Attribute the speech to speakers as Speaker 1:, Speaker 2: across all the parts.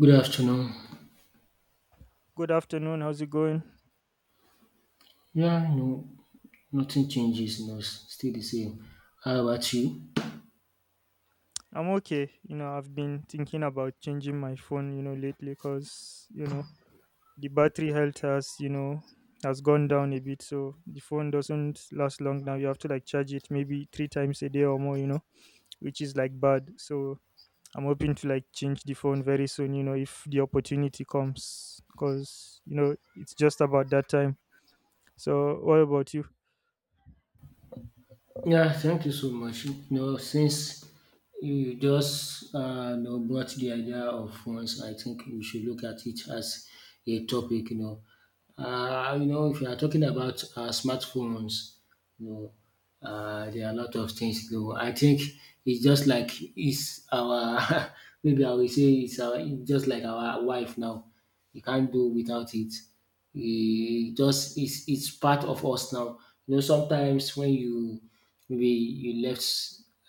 Speaker 1: Good afternoon.
Speaker 2: Good afternoon. How's it going?
Speaker 1: Yeah, no, nothing changes, no, still the same. How about you?
Speaker 2: I'm okay. You know, I've been thinking about changing my phone, you know, lately because, the battery health has, has gone down a bit. So the phone doesn't last long now. You have to like charge it maybe three times a day or more, you know, which is like bad. So I'm hoping to like change the phone very soon, you know, if the opportunity comes because, you know, it's just about that time. So what about you?
Speaker 1: Yeah, thank you so much. You know, since you just brought the idea of phones, I think we should look at it as a topic. You know, if you are talking about smartphones, you know, there are a lot of things. You know, I think it's just like it's our maybe I will say it's just like our wife now. You can't do without it e just it's part of us now. You know, sometimes when you maybe you left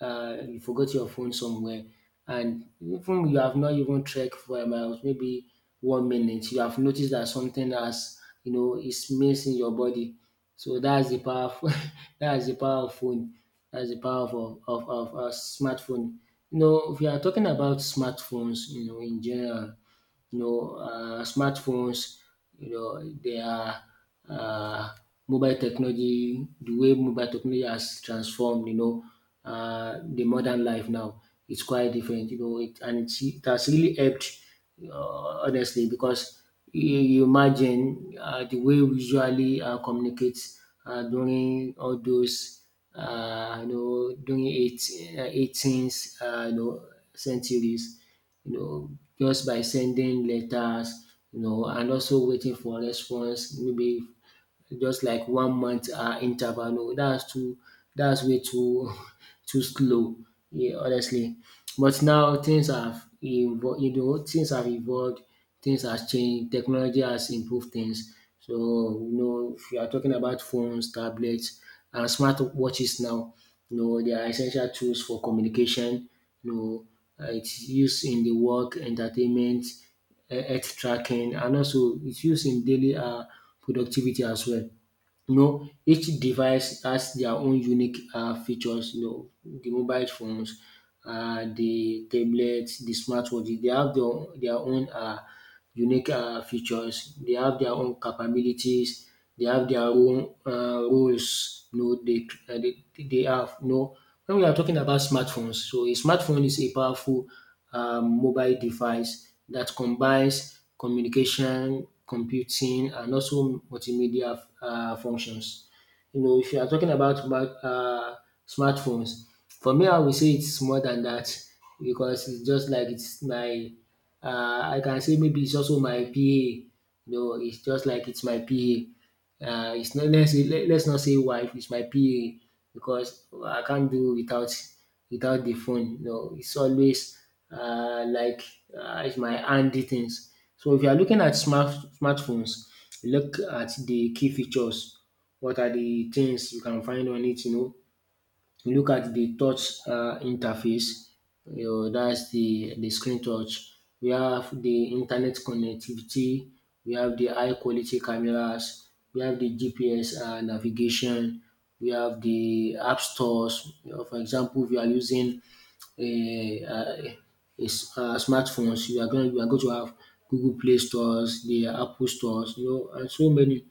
Speaker 1: you forgot your phone somewhere, and even you have not even trekked for a mile, maybe 1 minute, you have noticed that something has you know is missing your body. So that's the powerful that's the power of phone. That's the power of smartphone. You know, if you are talking about smartphones, you know, in general, you know, smartphones, you know, their um mobile technology, the way mobile technology has transformed, you know, the modern life now, it's quite different, you know, it has really helped honestly because you imagine the way we usually communicate during all those uh, you know during eight, 18th centuries, you know, just by sending letters, you know, and also waiting for response, maybe just like 1 month interval. No, that's too that's way too too slow, yeah, honestly. But now things have evolved, you know, things have evolved, things have changed, technology has improved things. So, you know, if you are talking about phones, tablets, and smart watches now, you know, they are essential tools for communication. You know, it's used in the work, entertainment, health tracking, and also it's used in daily productivity as well. You know, each device has their own unique features. You know, de mobile phones, de tablet, de smartwatch, dey have their own unique features, dey have their own capabilities, dey have their own roles, you know, dey have, you know. Wen we are talking about smartphones, so a smartphone is a powerful mobile device that combines communication, computing, and also multimedia functions. You know, if you are talking about smartphones, for me, I would say it's more than that because it's just like it's my, I can say maybe it's also my PA. You know, it's just like it's my PA. It's not let's let's not say wife. It's my PA because I can't do without the phone. You know, it's always like it's my handy things. So if you are looking at smartphones, look at the key features. What are the things you can find on it? You know, you look at the touch interface, that's the screen touch. We have the internet connectivity, we have the high quality cameras, we have the GPS navigation, we have the app stores. You know, for example, if you are using a um smartphones, you are going, you are going to have Google Play stores, the Apple stores, you know, and so many.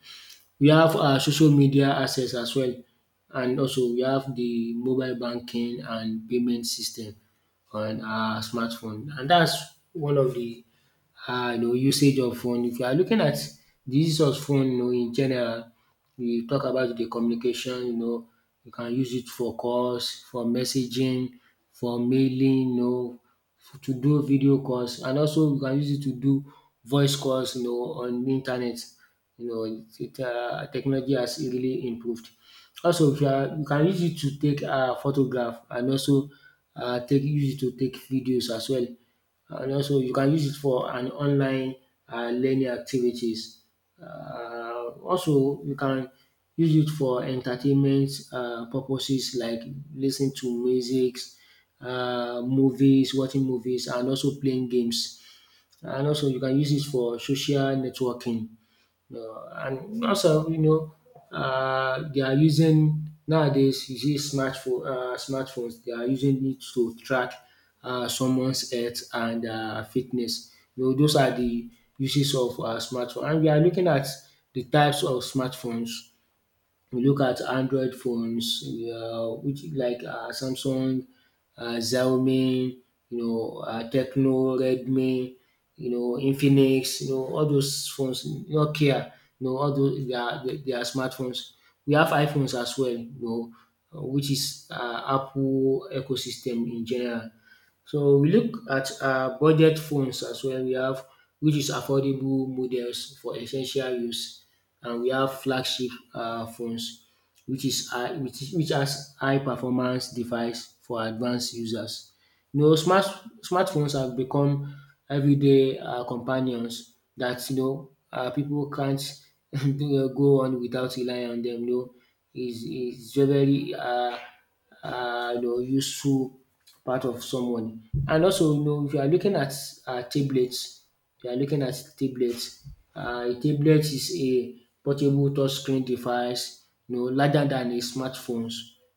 Speaker 1: We have our social media access as well, and also we have de mobile banking and payment system on our smartphone, and dats one of de you know usage of phone. If you are looking at de use of phone, you know, in general, we talk about the communication, you know, you can use it for calls, for messaging, for mailing, you know, to do video calls, and also you can use it to do voice calls, you know, on the internet. You know, it technology has really improved. Also, if you are, you can use it to take photograph, and also take use it to take videos as well. And also you can use it for an online learning activities. Also you can use it for entertainment purposes like listening to musics, movies, watching movies, and also playing games. And also you can use it for social networking. And also, you know, they are using nowadays. You see, smartphone, smartphones, they are using it to track someone's health and fitness. You know, those are the uses of smartphone. And we are looking at the types of smartphones. We look at Android phones, which like Samsung, Xiaomi, you know, Tecno, Redmi, you know, Infinix, you know, all those phones, Nokia, you know, all those, they are smartphones. We have iPhones as well, you know, which is Apple ecosystem in general. So we look at budget phones as well. We have which is affordable models for essential use, and we have flagship phones, which is high which is which has high performance device for advanced users. You know, smartphones have become everyday companions that, you know, pipu can't go on without relying on them, you know. Is very very you know useful part of someone. And also, you know, if you are looking at tablets, you are looking at tablets. A tablet is a portable touchscreen device, you know, larger than a smartphones,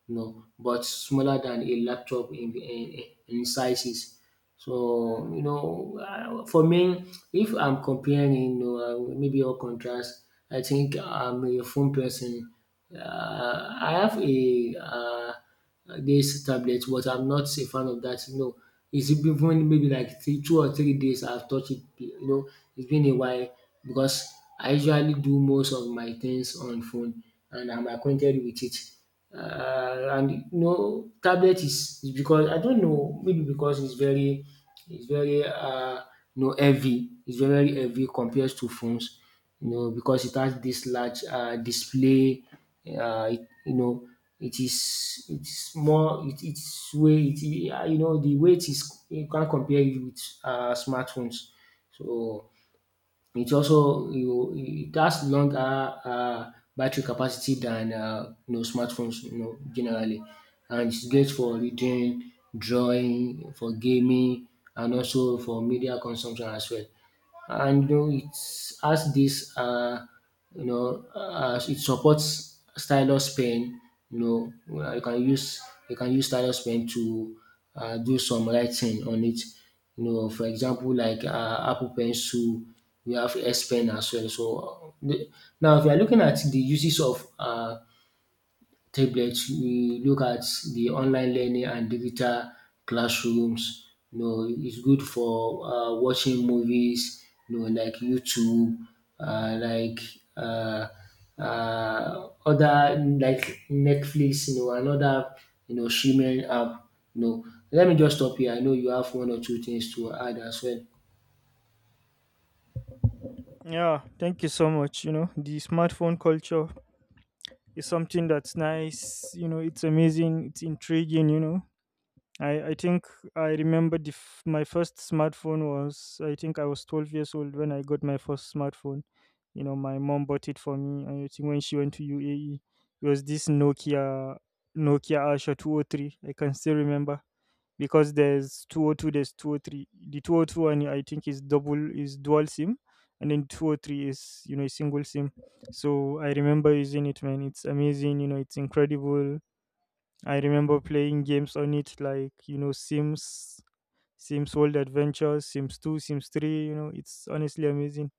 Speaker 1: you know, but smaller than a laptop in sizes. So, you know, for me, if I'm comparing, you know, maybe or contrast, I think I'm a phone person. I have a this tablet, but I'm not a fan of that. You know, it's even maybe like three, 2 or 3 days I've touched it. You know, it's been a while because I usually do most of my things on phone, and I'm acquainted with it, and no tablet is because I don't know, maybe because it's very you know heavy, it's very very heavy compared to phones, you know, because it has this large display. You know, it is it's more it, it's weight it, you know the weight is, you can't compare it with smartphones. So it also you, it has longer battery capacity than, you know, smartphones, you know, generally, and it's great for reading, drawing, for gaming, and also for media consumption as well. And you know it has this it supports stylus pen. You know, you can use stylus pen to, do some writing on it, you know, for example, like Apple Pencil, we have S Pen as well. Now, if you are looking at the uses of tablets, we look at the online learning and digital classrooms. You know, it's good for watching movies, you know, like YouTube, uh, like uh, other like Netflix, you know, another, you know, streaming app. You know, let me just stop here. I know you have one or two things to add as well.
Speaker 2: Yeah, thank you so much. You know, the smartphone culture is something that's nice. You know, it's amazing, it's intriguing, you know. I think I remember my first smartphone was I think I was 12 years old when I got my first smartphone. You know, my mom bought it for me. And I think when she went to UAE, it was this Nokia Asha 203. I can still remember because there's 202, there's 203. The 202 one I think is dual SIM, and then 203 is, you know, a single SIM. So I remember using it, man. It's amazing. You know, it's incredible. I remember playing games on it like, you know, Sims, Sims World Adventures, Sims 2, Sims 3, you know, it's honestly amazing.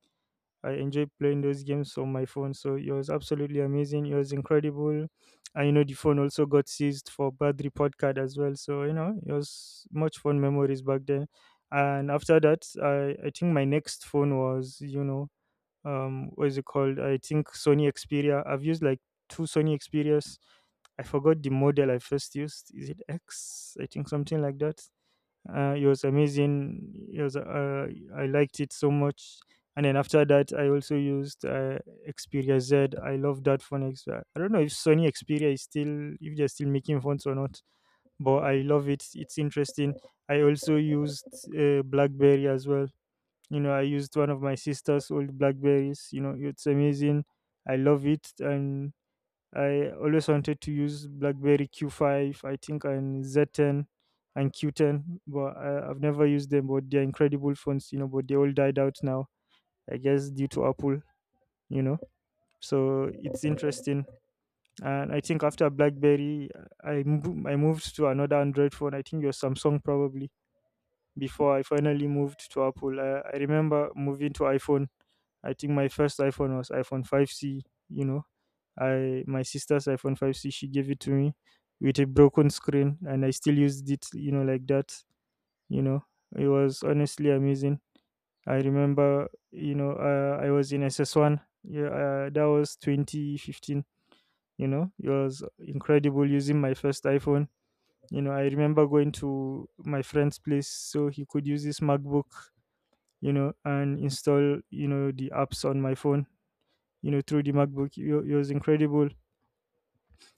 Speaker 2: I enjoy playing those games on my phone. So it was absolutely amazing. It was incredible. And, you know, the phone also got seized for bad report card as well. So, you know, it was much fun memories back then. And after that, I think my next phone was, you know, what is it called, I think Sony Xperia. I've used like two Sony Xperias. I forgot the model I first used. Is it X? I think something like that. It was amazing. It was I liked it so much. And then after that I also used Xperia Z. I love that phone. I don't know if Sony Xperia is still, if they're still making phones or not, but I love it. It's interesting. I also used BlackBerry as well. You know, I used one of my sister's old BlackBerries. You know, it's amazing. I love it. And I always wanted to use BlackBerry Q5 I think, and Z10 and Q10, but I've never used them, but they're incredible phones, you know, but they all died out now, I guess due to Apple, you know. So it's interesting. And I think after BlackBerry, I moved to another Android phone, I think your Samsung probably, before I finally moved to Apple. I remember moving to iPhone. I think my first iPhone was iPhone 5C, you know. I, my sister's iPhone 5C, she gave it to me with a broken screen, and I still used it, you know, like that, you know. It was honestly amazing. I remember, you know, I was in SS1. Yeah, that was 2015, you know. It was incredible using my first iPhone. You know, I remember going to my friend's place so he could use his MacBook, you know, and install, you know, the apps on my phone, you know, through the MacBook. It was incredible.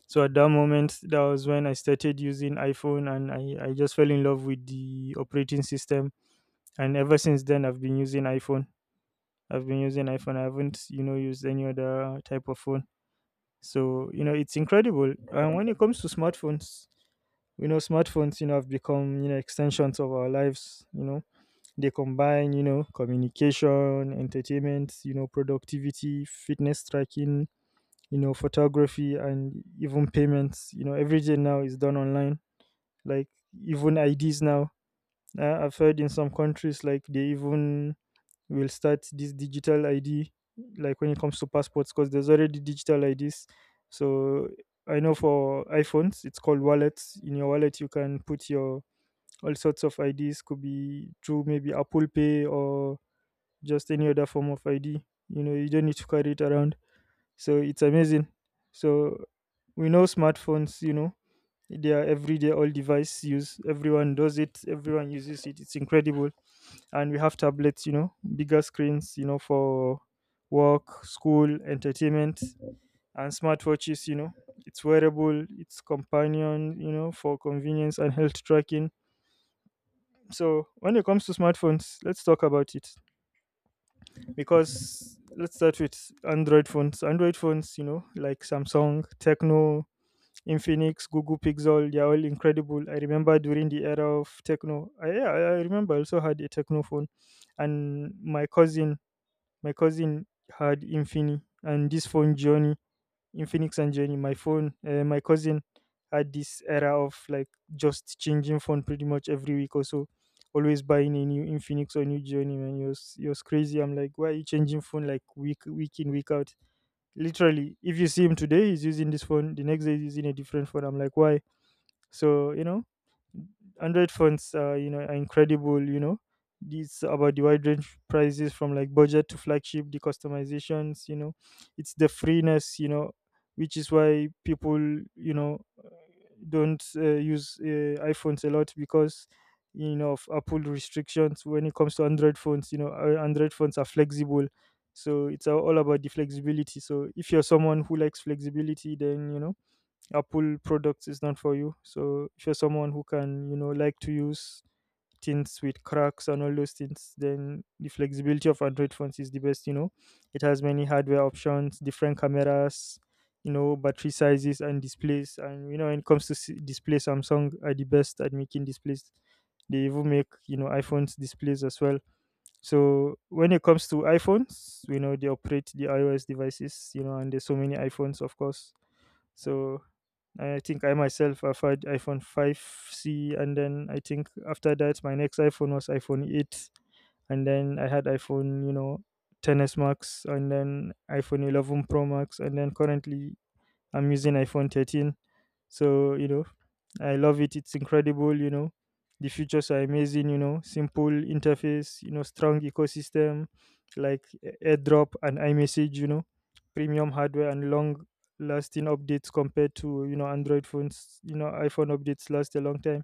Speaker 2: So at that moment, that was when I started using iPhone, and I just fell in love with the operating system. And ever since then, I've been using iPhone. I've been using iPhone. I haven't, you know, used any other type of phone. So, you know, it's incredible. And when it comes to smartphones, you know, smartphones, you know, have become, you know, extensions of our lives, you know. They combine, you know, communication, entertainment, you know, productivity, fitness tracking, you know, photography, and even payments. You know, everything now is done online. Like, even IDs now. I've heard in some countries like they even will start this digital ID, like when it comes to passports, because there's already digital IDs. So I know for iPhones, it's called wallets. In your wallet, you can put your all sorts of IDs. Could be through maybe Apple Pay or just any other form of ID. You know, you don't need to carry it around. So it's amazing. So we know smartphones, you know, they are everyday all device use. Everyone does it, everyone uses it. It's incredible. And we have tablets, you know, bigger screens, you know, for work, school, entertainment, and smartwatches, you know. It's wearable, it's companion, you know, for convenience and health tracking. So when it comes to smartphones, let's talk about it, because let's start with Android phones. Android phones, you know, like Samsung, Techno, Infinix, Google Pixel, they're all incredible. I remember during the era of Techno. I, yeah, I remember I also had a Techno phone, and my cousin had Infini, and this phone journey, Infinix and Journey. My phone, my cousin had this era of like just changing phone pretty much every week or so. Always buying a new Infinix or new Journey, man. It was crazy. I'm like, why are you changing phone like week in week out? Literally, if you see him today, he's using this phone. The next day, he's using a different phone. I'm like, why? So, you know, Android phones, you know, are incredible. You know, it's about the wide range prices from like budget to flagship, the customizations. You know, it's the freeness. You know, which is why people, you know, don't use iPhones a lot because, you know, of Apple restrictions. When it comes to Android phones, you know, Android phones are flexible, so it's all about the flexibility. So if you're someone who likes flexibility, then, you know, Apple products is not for you. So if you're someone who can, you know, like to use things with cracks and all those things, then the flexibility of Android phones is the best, you know. It has many hardware options, different cameras, you know, battery sizes, and displays. And, you know, when it comes to display, Samsung are the best at making displays. They even make, you know, iPhones displays as well. So when it comes to iPhones, you know, they operate the iOS devices, you know, and there's so many iPhones, of course. So I think I myself have had iPhone 5C, and then I think after that, my next iPhone was iPhone 8, and then I had iPhone, you know, ten S Max, and then iPhone 11 Pro Max, and then currently I'm using iPhone 13. So, you know, I love it. It's incredible, you know. The features are amazing, you know, simple interface, you know, strong ecosystem like AirDrop and iMessage, you know, premium hardware and long lasting updates compared to, you know, Android phones. You know, iPhone updates last a long time.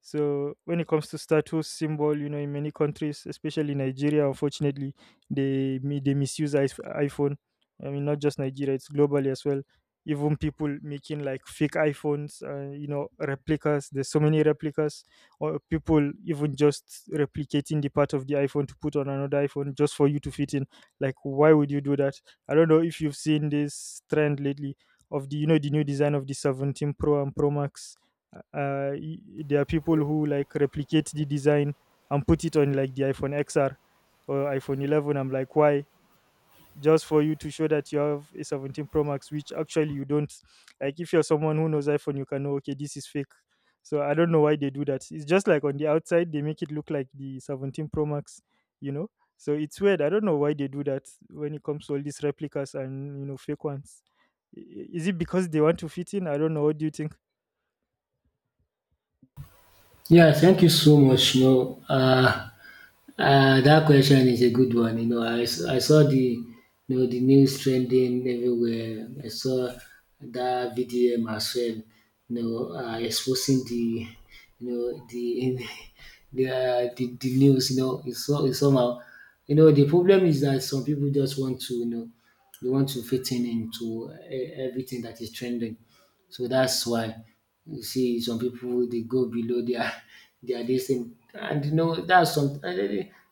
Speaker 2: So when it comes to status symbol, you know, in many countries, especially Nigeria, unfortunately, they they misuse iPhone. I mean, not just Nigeria; it's globally as well. Even people making like fake iPhones, you know, replicas. There's so many replicas, or people even just replicating the part of the iPhone to put on another iPhone just for you to fit in. Like, why would you do that? I don't know if you've seen this trend lately of the, you know, the new design of the 17 Pro and Pro Max. There are people who like replicate the design and put it on like the iPhone XR or iPhone 11. I'm like, why? Just for you to show that you have a 17 Pro Max, which actually you don't. Like, if you're someone who knows iPhone, you can know, okay, this is fake. So I don't know why they do that. It's just like on the outside they make it look like the 17 Pro Max, you know. So it's weird. I don't know why they do that when it comes to all these replicas and, you know, fake ones. I- is it because they want to fit in? I don't know. What do you think?
Speaker 1: Yeah, thank you so much. You know, that question is a good one. You know, I saw the, you know, the news trending everywhere. I saw that VDM as well. You know, exposing the, you know, the the news. You know, it's so, it's somehow. You know, the problem is that some people just want to, you know, they want to fit in into everything that is trending. So that's why. You see some people they go below their their this thing, and you know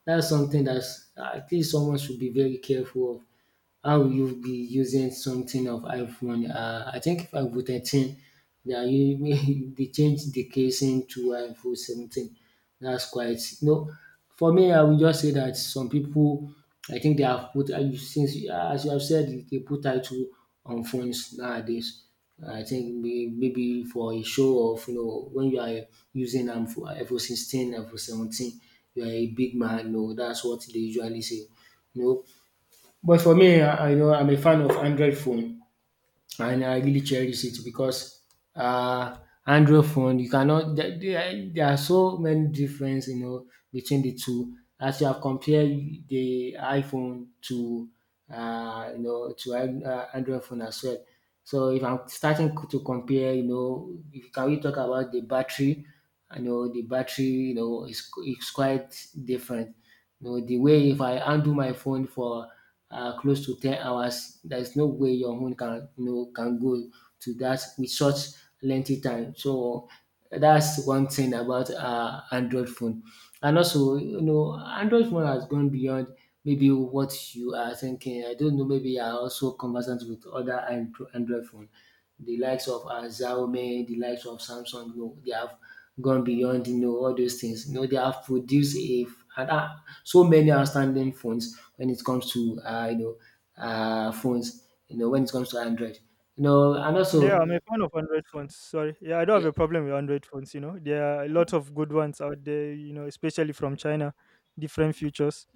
Speaker 1: that's something that's at least someone should be very careful of. How will you be using something of iPhone? I think if iPhone 13, they changed the casing to iPhone 17. That's quite, you know. For me, I will just say that some people, I think they have put, since as you have said, they put title on phones nowadays. I think maybe for a show of, you know, when you are using, for iPhone 16, iPhone 17, you are a big man. No, that's what they usually say. No. But for me, I know I'm a fan of Android phone, and I really cherish it because uh, Android phone you cannot. There are so many difference, you know, between the two. As you have compared the iPhone to, Android phone as well. So if I'm starting to compare, you know, if, can we talk about the battery? I know the battery, you know, is quite different. You know, the way if I handle my phone for close to 10 hours, there is no way your own can, you know, can go to that with such lengthy time. So that's one thing about Android phone. And also, you know, Android phone has gone beyond maybe what you are thinking. I don't know, maybe you are also conversant with other Android phone, the likes of Xiaomi, the likes of Samsung. You know, they have gone beyond, you know, all those things. You know, they have produced a and, uh, so many outstanding phones when it comes to, you know, phones, you know, when it comes to Android. You know, and
Speaker 2: Yeah,
Speaker 1: also
Speaker 2: I'm a fan of Android phones. Sorry. Yeah, I don't have a problem with Android phones, you know. There are a lot of good ones out there, you know, especially from China, different features.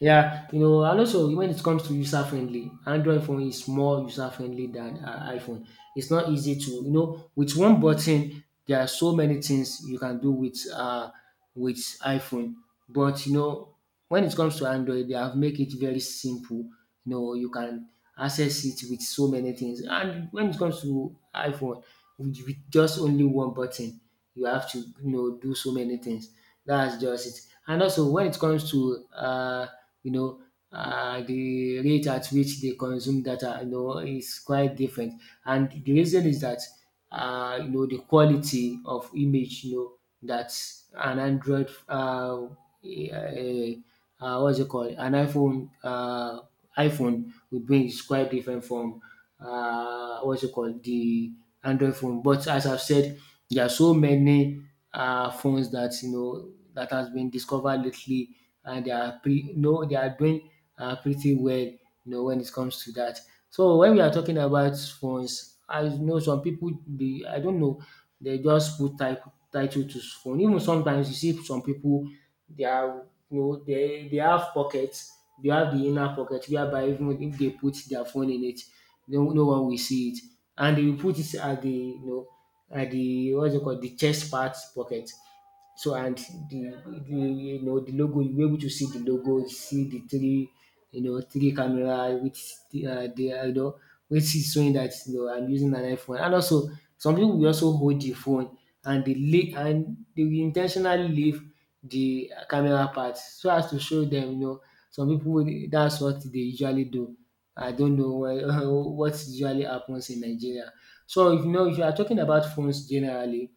Speaker 1: yeah, you know, and also when it comes to user friendly, Android phone is more user friendly than iPhone. It's not easy to, you know, with one button there are so many things you can do with with iPhone. But you know, when it comes to Android, they have make it very simple. You know, you can access it with so many things. And when it comes to iPhone, with just only one button, you have to, you know, do so many things. That's just it. And also when it comes to, you know, the rate at which they consume data, you know, is quite different. And the reason is that, you know, the quality of image, you know, that an Android eh, what's it called an iPhone iPhone will bring is quite different from, what's it called, the Android phone. But as I've said, there are so many phones that, you know, that has been discovered lately, and no, they are doing pretty well. You know, when it comes to that. So when we are talking about phones, I know some people, they, I don't know, they just put type title to phone. Even sometimes you see some people, they are, you know, they have pockets. They have the inner pocket whereby even if they put their phone in it, no, no one will see it. And they will put it at the, you know, the, what's it called, the chest part pocket. So and the you know, the logo, you were able to see the logo, see the three, you know, three camera which, the you know, which is showing that, you know, I'm using an iPhone. And also some people will also hold the phone and they will intentionally leave the camera part so as to show them, you know, that's what they usually do. I don't know why, what usually happens in Nigeria. So if you know, if you are talking about phones generally,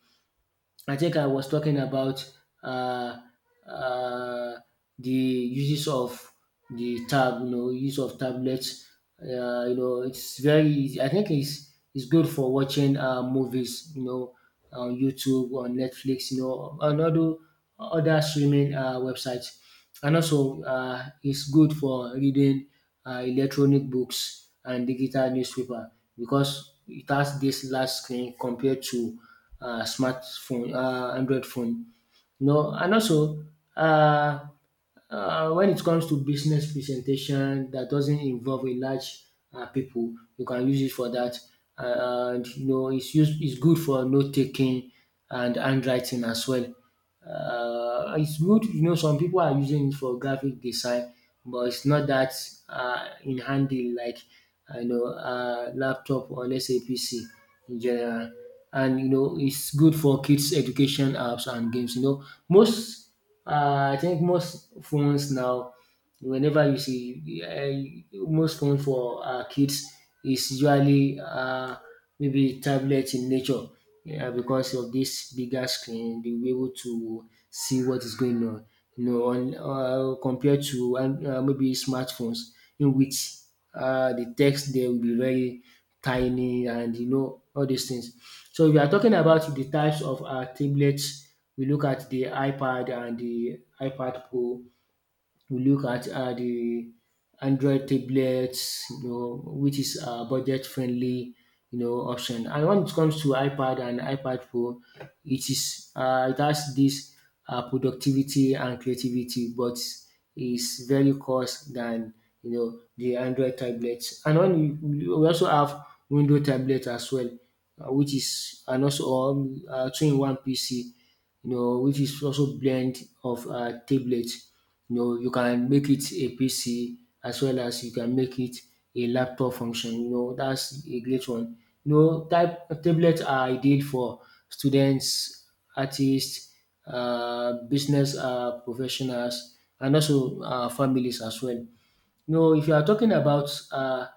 Speaker 1: I think I was talking about uh, uh, the uses of the tab, you know, use of tablets. You know, it's very easy- I think it's good for watching movies. You know, on YouTube, on Netflix. You know, on other streaming websites, and also it's good for reading electronic books and digital newspaper, because it has this large screen compared to smartphone, Android phone, you know. And also, uh, when it comes to business presentation that doesn't involve a large people, you can use it for that. And you know, it's good for note taking and handwriting as well. It's good, you know, some people are using it for graphic design, but it's not that in handy like, you know, laptop, or let's say PC in general. And you know, it's good for kids education apps and games, you know. Most I think most phones now, whenever you see, most phone for kids, is usually maybe tablet in nature. Yeah, because of this bigger screen they'll be able to see what is going on, you know, on, compared to maybe smartphones, in which the text there will be very tiny, and you know, all these things. So if you are talking about the types of tablets, we look at the iPad and the iPad Pro. We look at the Android tablets, you know, which is a budget friendly, you know, option. And when it comes to iPad and iPad Pro, it is it has this productivity and creativity, but is very cost than, you know, the Android tablets. And when we also have Windows tablet as well, which is, and also two in one PC, you know, which is also blend of tablets. You know, you can make it a PC as well as you can make it a laptop function. You know, that's a great one. You know, type tablets are ideal for students, artists, business professionals, and also families as well. No, if you are talking about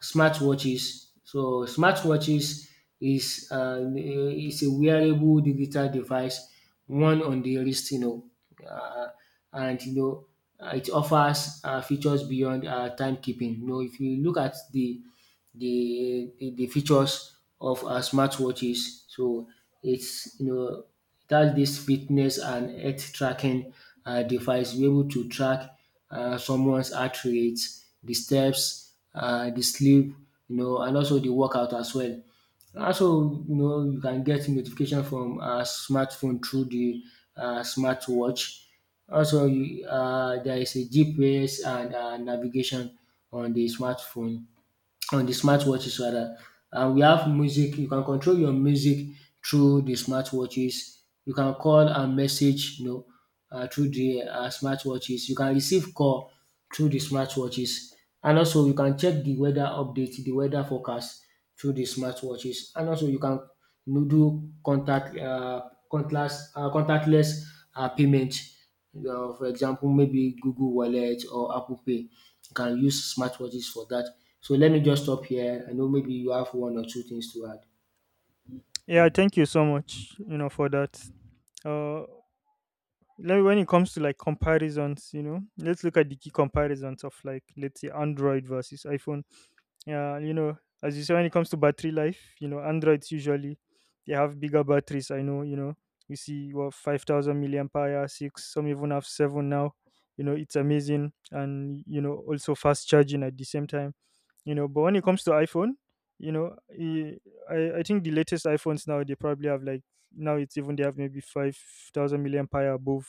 Speaker 1: smartwatches, so smartwatches is a wearable digital device, one on the wrist, you know, uh, and you know it offers features beyond timekeeping. You know, if you look at the features of our smartwatches. So it's, you know, it has this fitness and health tracking device. You're able to track someone's heart rate, the steps, the sleep, you know, and also the workout as well. Also, you know, you can get notification from a smartphone through the smartwatch. There is a GPS and navigation on the smartphone, on the smartwatches rather. And we have music. You can control your music through the smartwatches. You can call and message, you know, through the smartwatches. You can receive call through the smartwatches. And also, you can check the weather update, the weather forecast through the smartwatches. And also, you can, you know, do contactless, payment, for example, maybe Google Wallet or Apple Pay. You can use smartwatches for that. So let me just stop here. I know maybe you have one or two things to add.
Speaker 2: Yeah, thank you so much, you know, for that. Uh when it comes to like comparisons, you know, let's look at the key comparisons of like, let's say, Android versus iPhone. Yeah, you know, as you say, when it comes to battery life, you know, Androids usually they have bigger batteries. I know, you see what, 5,000 milliampere, six, some even have seven now. You know, it's amazing, and you know, also fast charging at the same time, you know. But when it comes to iPhone, you know e- I think the latest iPhones now they probably have like, now it's even they have maybe 5000 milliampere above,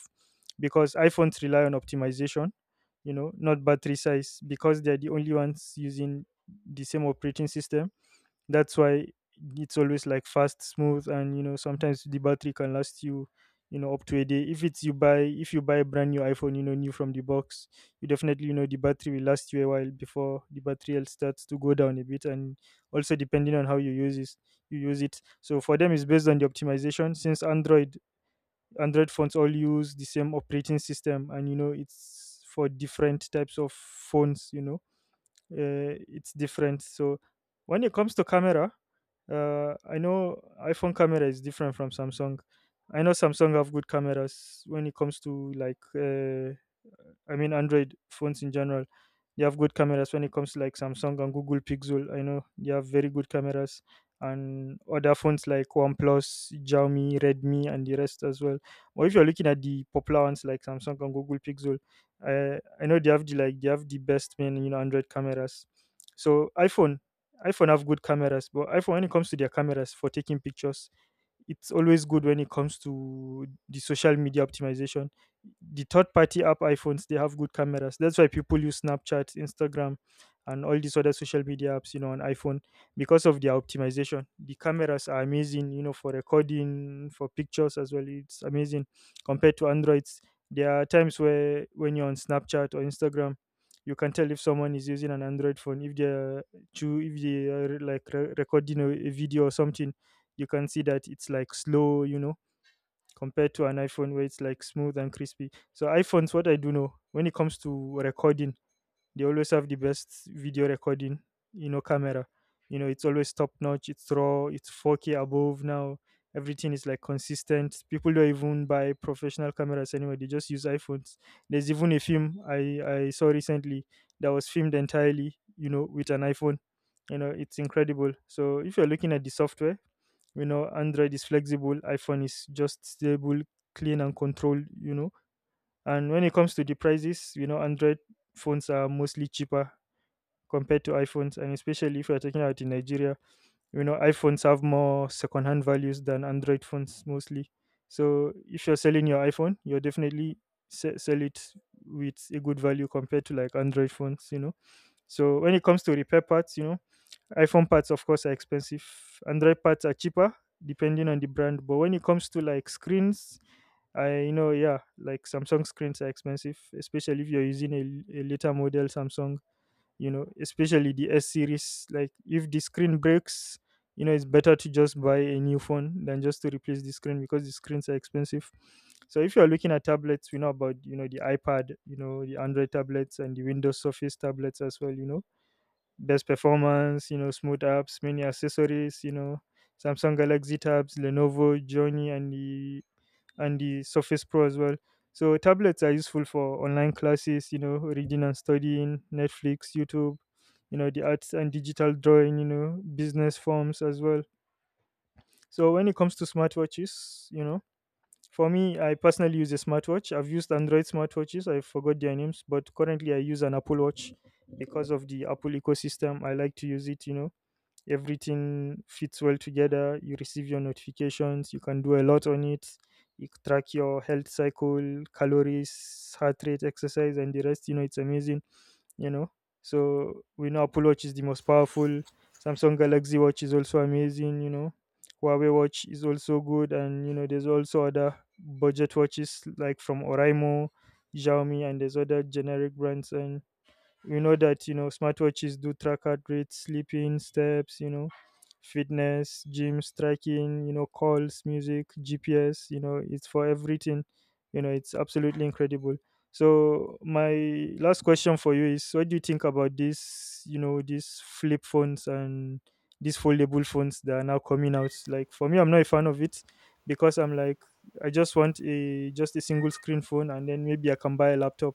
Speaker 2: because iPhones rely on optimization, you know, not battery size, because they're the only ones using the same operating system. That's why it's always like fast, smooth, and you know, sometimes the battery can last you, you know, up to a day. If it's you buy if you buy a brand new iPhone, you know, new from the box, you definitely, you know, the battery will last you a while before the battery else starts to go down a bit. And also depending on how you use it, so for them it's based on the optimization. Since Android phones all use the same operating system, and you know, it's for different types of phones, you know, it's different. So when it comes to camera, I know iPhone camera is different from Samsung. I know Samsung have good cameras when it comes to like, I mean Android phones in general. They have good cameras when it comes to like Samsung and Google Pixel. I know they have very good cameras and other phones like OnePlus, Xiaomi, Redmi, and the rest as well. But if you're looking at the popular ones like Samsung and Google Pixel, I know they have the like they have the best main, you know, Android cameras. So iPhone, iPhone have good cameras, but iPhone, when it comes to their cameras for taking pictures, it's always good when it comes to the social media optimization. The third party app iPhones, they have good cameras. That's why people use Snapchat, Instagram, and all these other social media apps, you know, on iPhone because of their optimization. The cameras are amazing, you know, for recording, for pictures as well. It's amazing compared to Androids. There are times where when you're on Snapchat or Instagram, you can tell if someone is using an Android phone if they're to if they are like recording a video or something. You can see that it's like slow, you know, compared to an iPhone where it's like smooth and crispy. So iPhones, what I do know when it comes to recording, they always have the best video recording, you know, camera. You know, it's always top notch. It's raw. It's 4K above now. Everything is like consistent. People don't even buy professional cameras anymore. They just use iPhones. There's even a film I saw recently that was filmed entirely, you know, with an iPhone. You know, it's incredible. So if you're looking at the software, you know, Android is flexible, iPhone is just stable, clean, and controlled, you know. And when it comes to the prices, you know, Android phones are mostly cheaper compared to iPhones, and especially if you're talking about in Nigeria, you know, iPhones have more second hand values than Android phones mostly. So if you're selling your iPhone, you're definitely sell it with a good value compared to like Android phones, you know. So when it comes to repair parts, you know, iPhone parts, of course, are expensive. Android parts are cheaper depending on the brand. But when it comes to like screens, I, you know, yeah, like Samsung screens are expensive, especially if you're using a later model Samsung, you know, especially the S series. Like if the screen breaks, you know, it's better to just buy a new phone than just to replace the screen because the screens are expensive. So if you're looking at tablets, we know about, you know, the iPad, you know, the Android tablets and the Windows Surface tablets as well, you know, best performance, you know, smooth apps, many accessories, you know, Samsung Galaxy tabs, Lenovo, Journey, and the Surface Pro as well. So tablets are useful for online classes, you know, reading and studying, Netflix, YouTube, you know, the arts and digital drawing, you know, business forms as well. So when it comes to smartwatches, you know, for me, I personally use a smartwatch. I've used Android smartwatches. I forgot their names, but currently I use an Apple Watch because of the Apple ecosystem. I like to use it, you know, everything fits well together. You receive your notifications, you can do a lot on it. You track your health cycle, calories, heart rate, exercise, and the rest. You know, it's amazing, you know. So we know Apple Watch is the most powerful. Samsung Galaxy Watch is also amazing, you know. Huawei Watch is also good, and you know, there's also other budget watches like from Oraimo, Xiaomi, and there's other generic brands. And you know that, you know, smartwatches do track heart rate, sleeping, steps, you know, fitness, gym, striking, you know, calls, music, GPS, you know, it's for everything, you know. It's absolutely incredible. So my last question for you is, what do you think about this, you know, these flip phones and these foldable phones that are now coming out? Like, for me, I'm not a fan of it, because I'm like, I just want a just a single screen phone, and then maybe I can buy a laptop.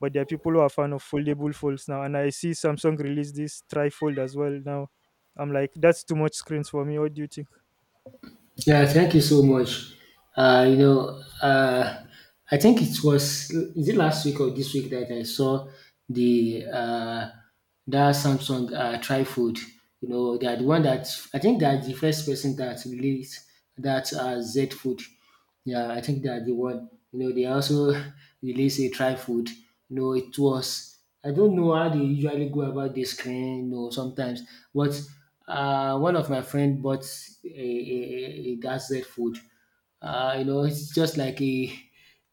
Speaker 2: But there are people who are fan of foldable folds now. And I see Samsung release this trifold as well now. I'm like, that's too much screens for me. What do you think?
Speaker 1: Yeah, thank you so much. Uh, you know, uh, I think it was, is it last week or this week that I saw the that Samsung Trifold. You know, they are the one that, I think they are the first person that released that Z Fold. Yeah, I think that the one, you know, they also release a try food. You know, it was, I don't know how they usually go about this screen, you know, sometimes. But one of my friend bought a, a, a gazette food. You know, it's just like a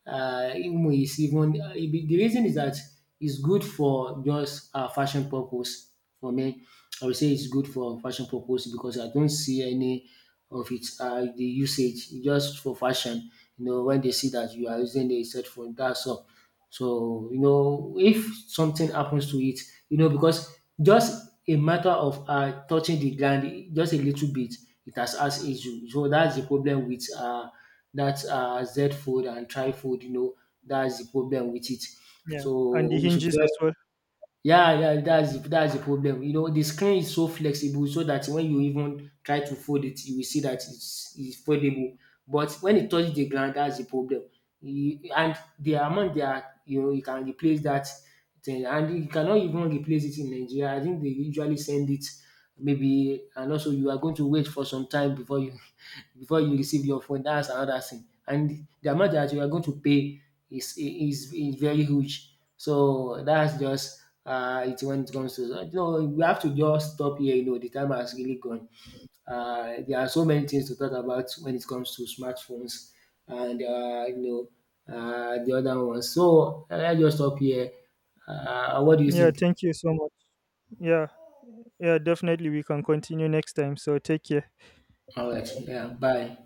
Speaker 1: even is even e be the reason is that it's good for just fashion purpose. For me, I would say it's good for fashion purpose, because I don't see any of its the usage. It's just for fashion. You know, when they see that you are using the set phone, that's all. So you know, if something happens to it, you know, because just a matter of touching the gland just a little bit, it has issue. So that's the problem with that's Z fold and try fold, you know, that's the problem with it.
Speaker 2: Yeah, and the
Speaker 1: So we should
Speaker 2: hinges
Speaker 1: very
Speaker 2: as well.
Speaker 1: yeah, yeah, that's the problem. You know, the screen is so flexible so that when you even try to fold it, you will see that it's foldable. But when it touches the ground, that's the problem. And the amount they are, you know, you can replace that thing, and you cannot even replace it in Nigeria. I think they usually send it maybe, and also you are going to wait for some time before you receive your phone. That's another thing. And the amount that you are going to pay is is very huge. So that's just it. When it comes to, you know, we have to just stop here. You know, the time has really gone. There are so many things to talk about when it comes to smartphones, and you know, the other ones. So I just stop here. What do you
Speaker 2: Yeah,
Speaker 1: think?
Speaker 2: thank you so much. Yeah, yeah, definitely. We can continue next time. So take care.
Speaker 1: All right. Yeah. Bye.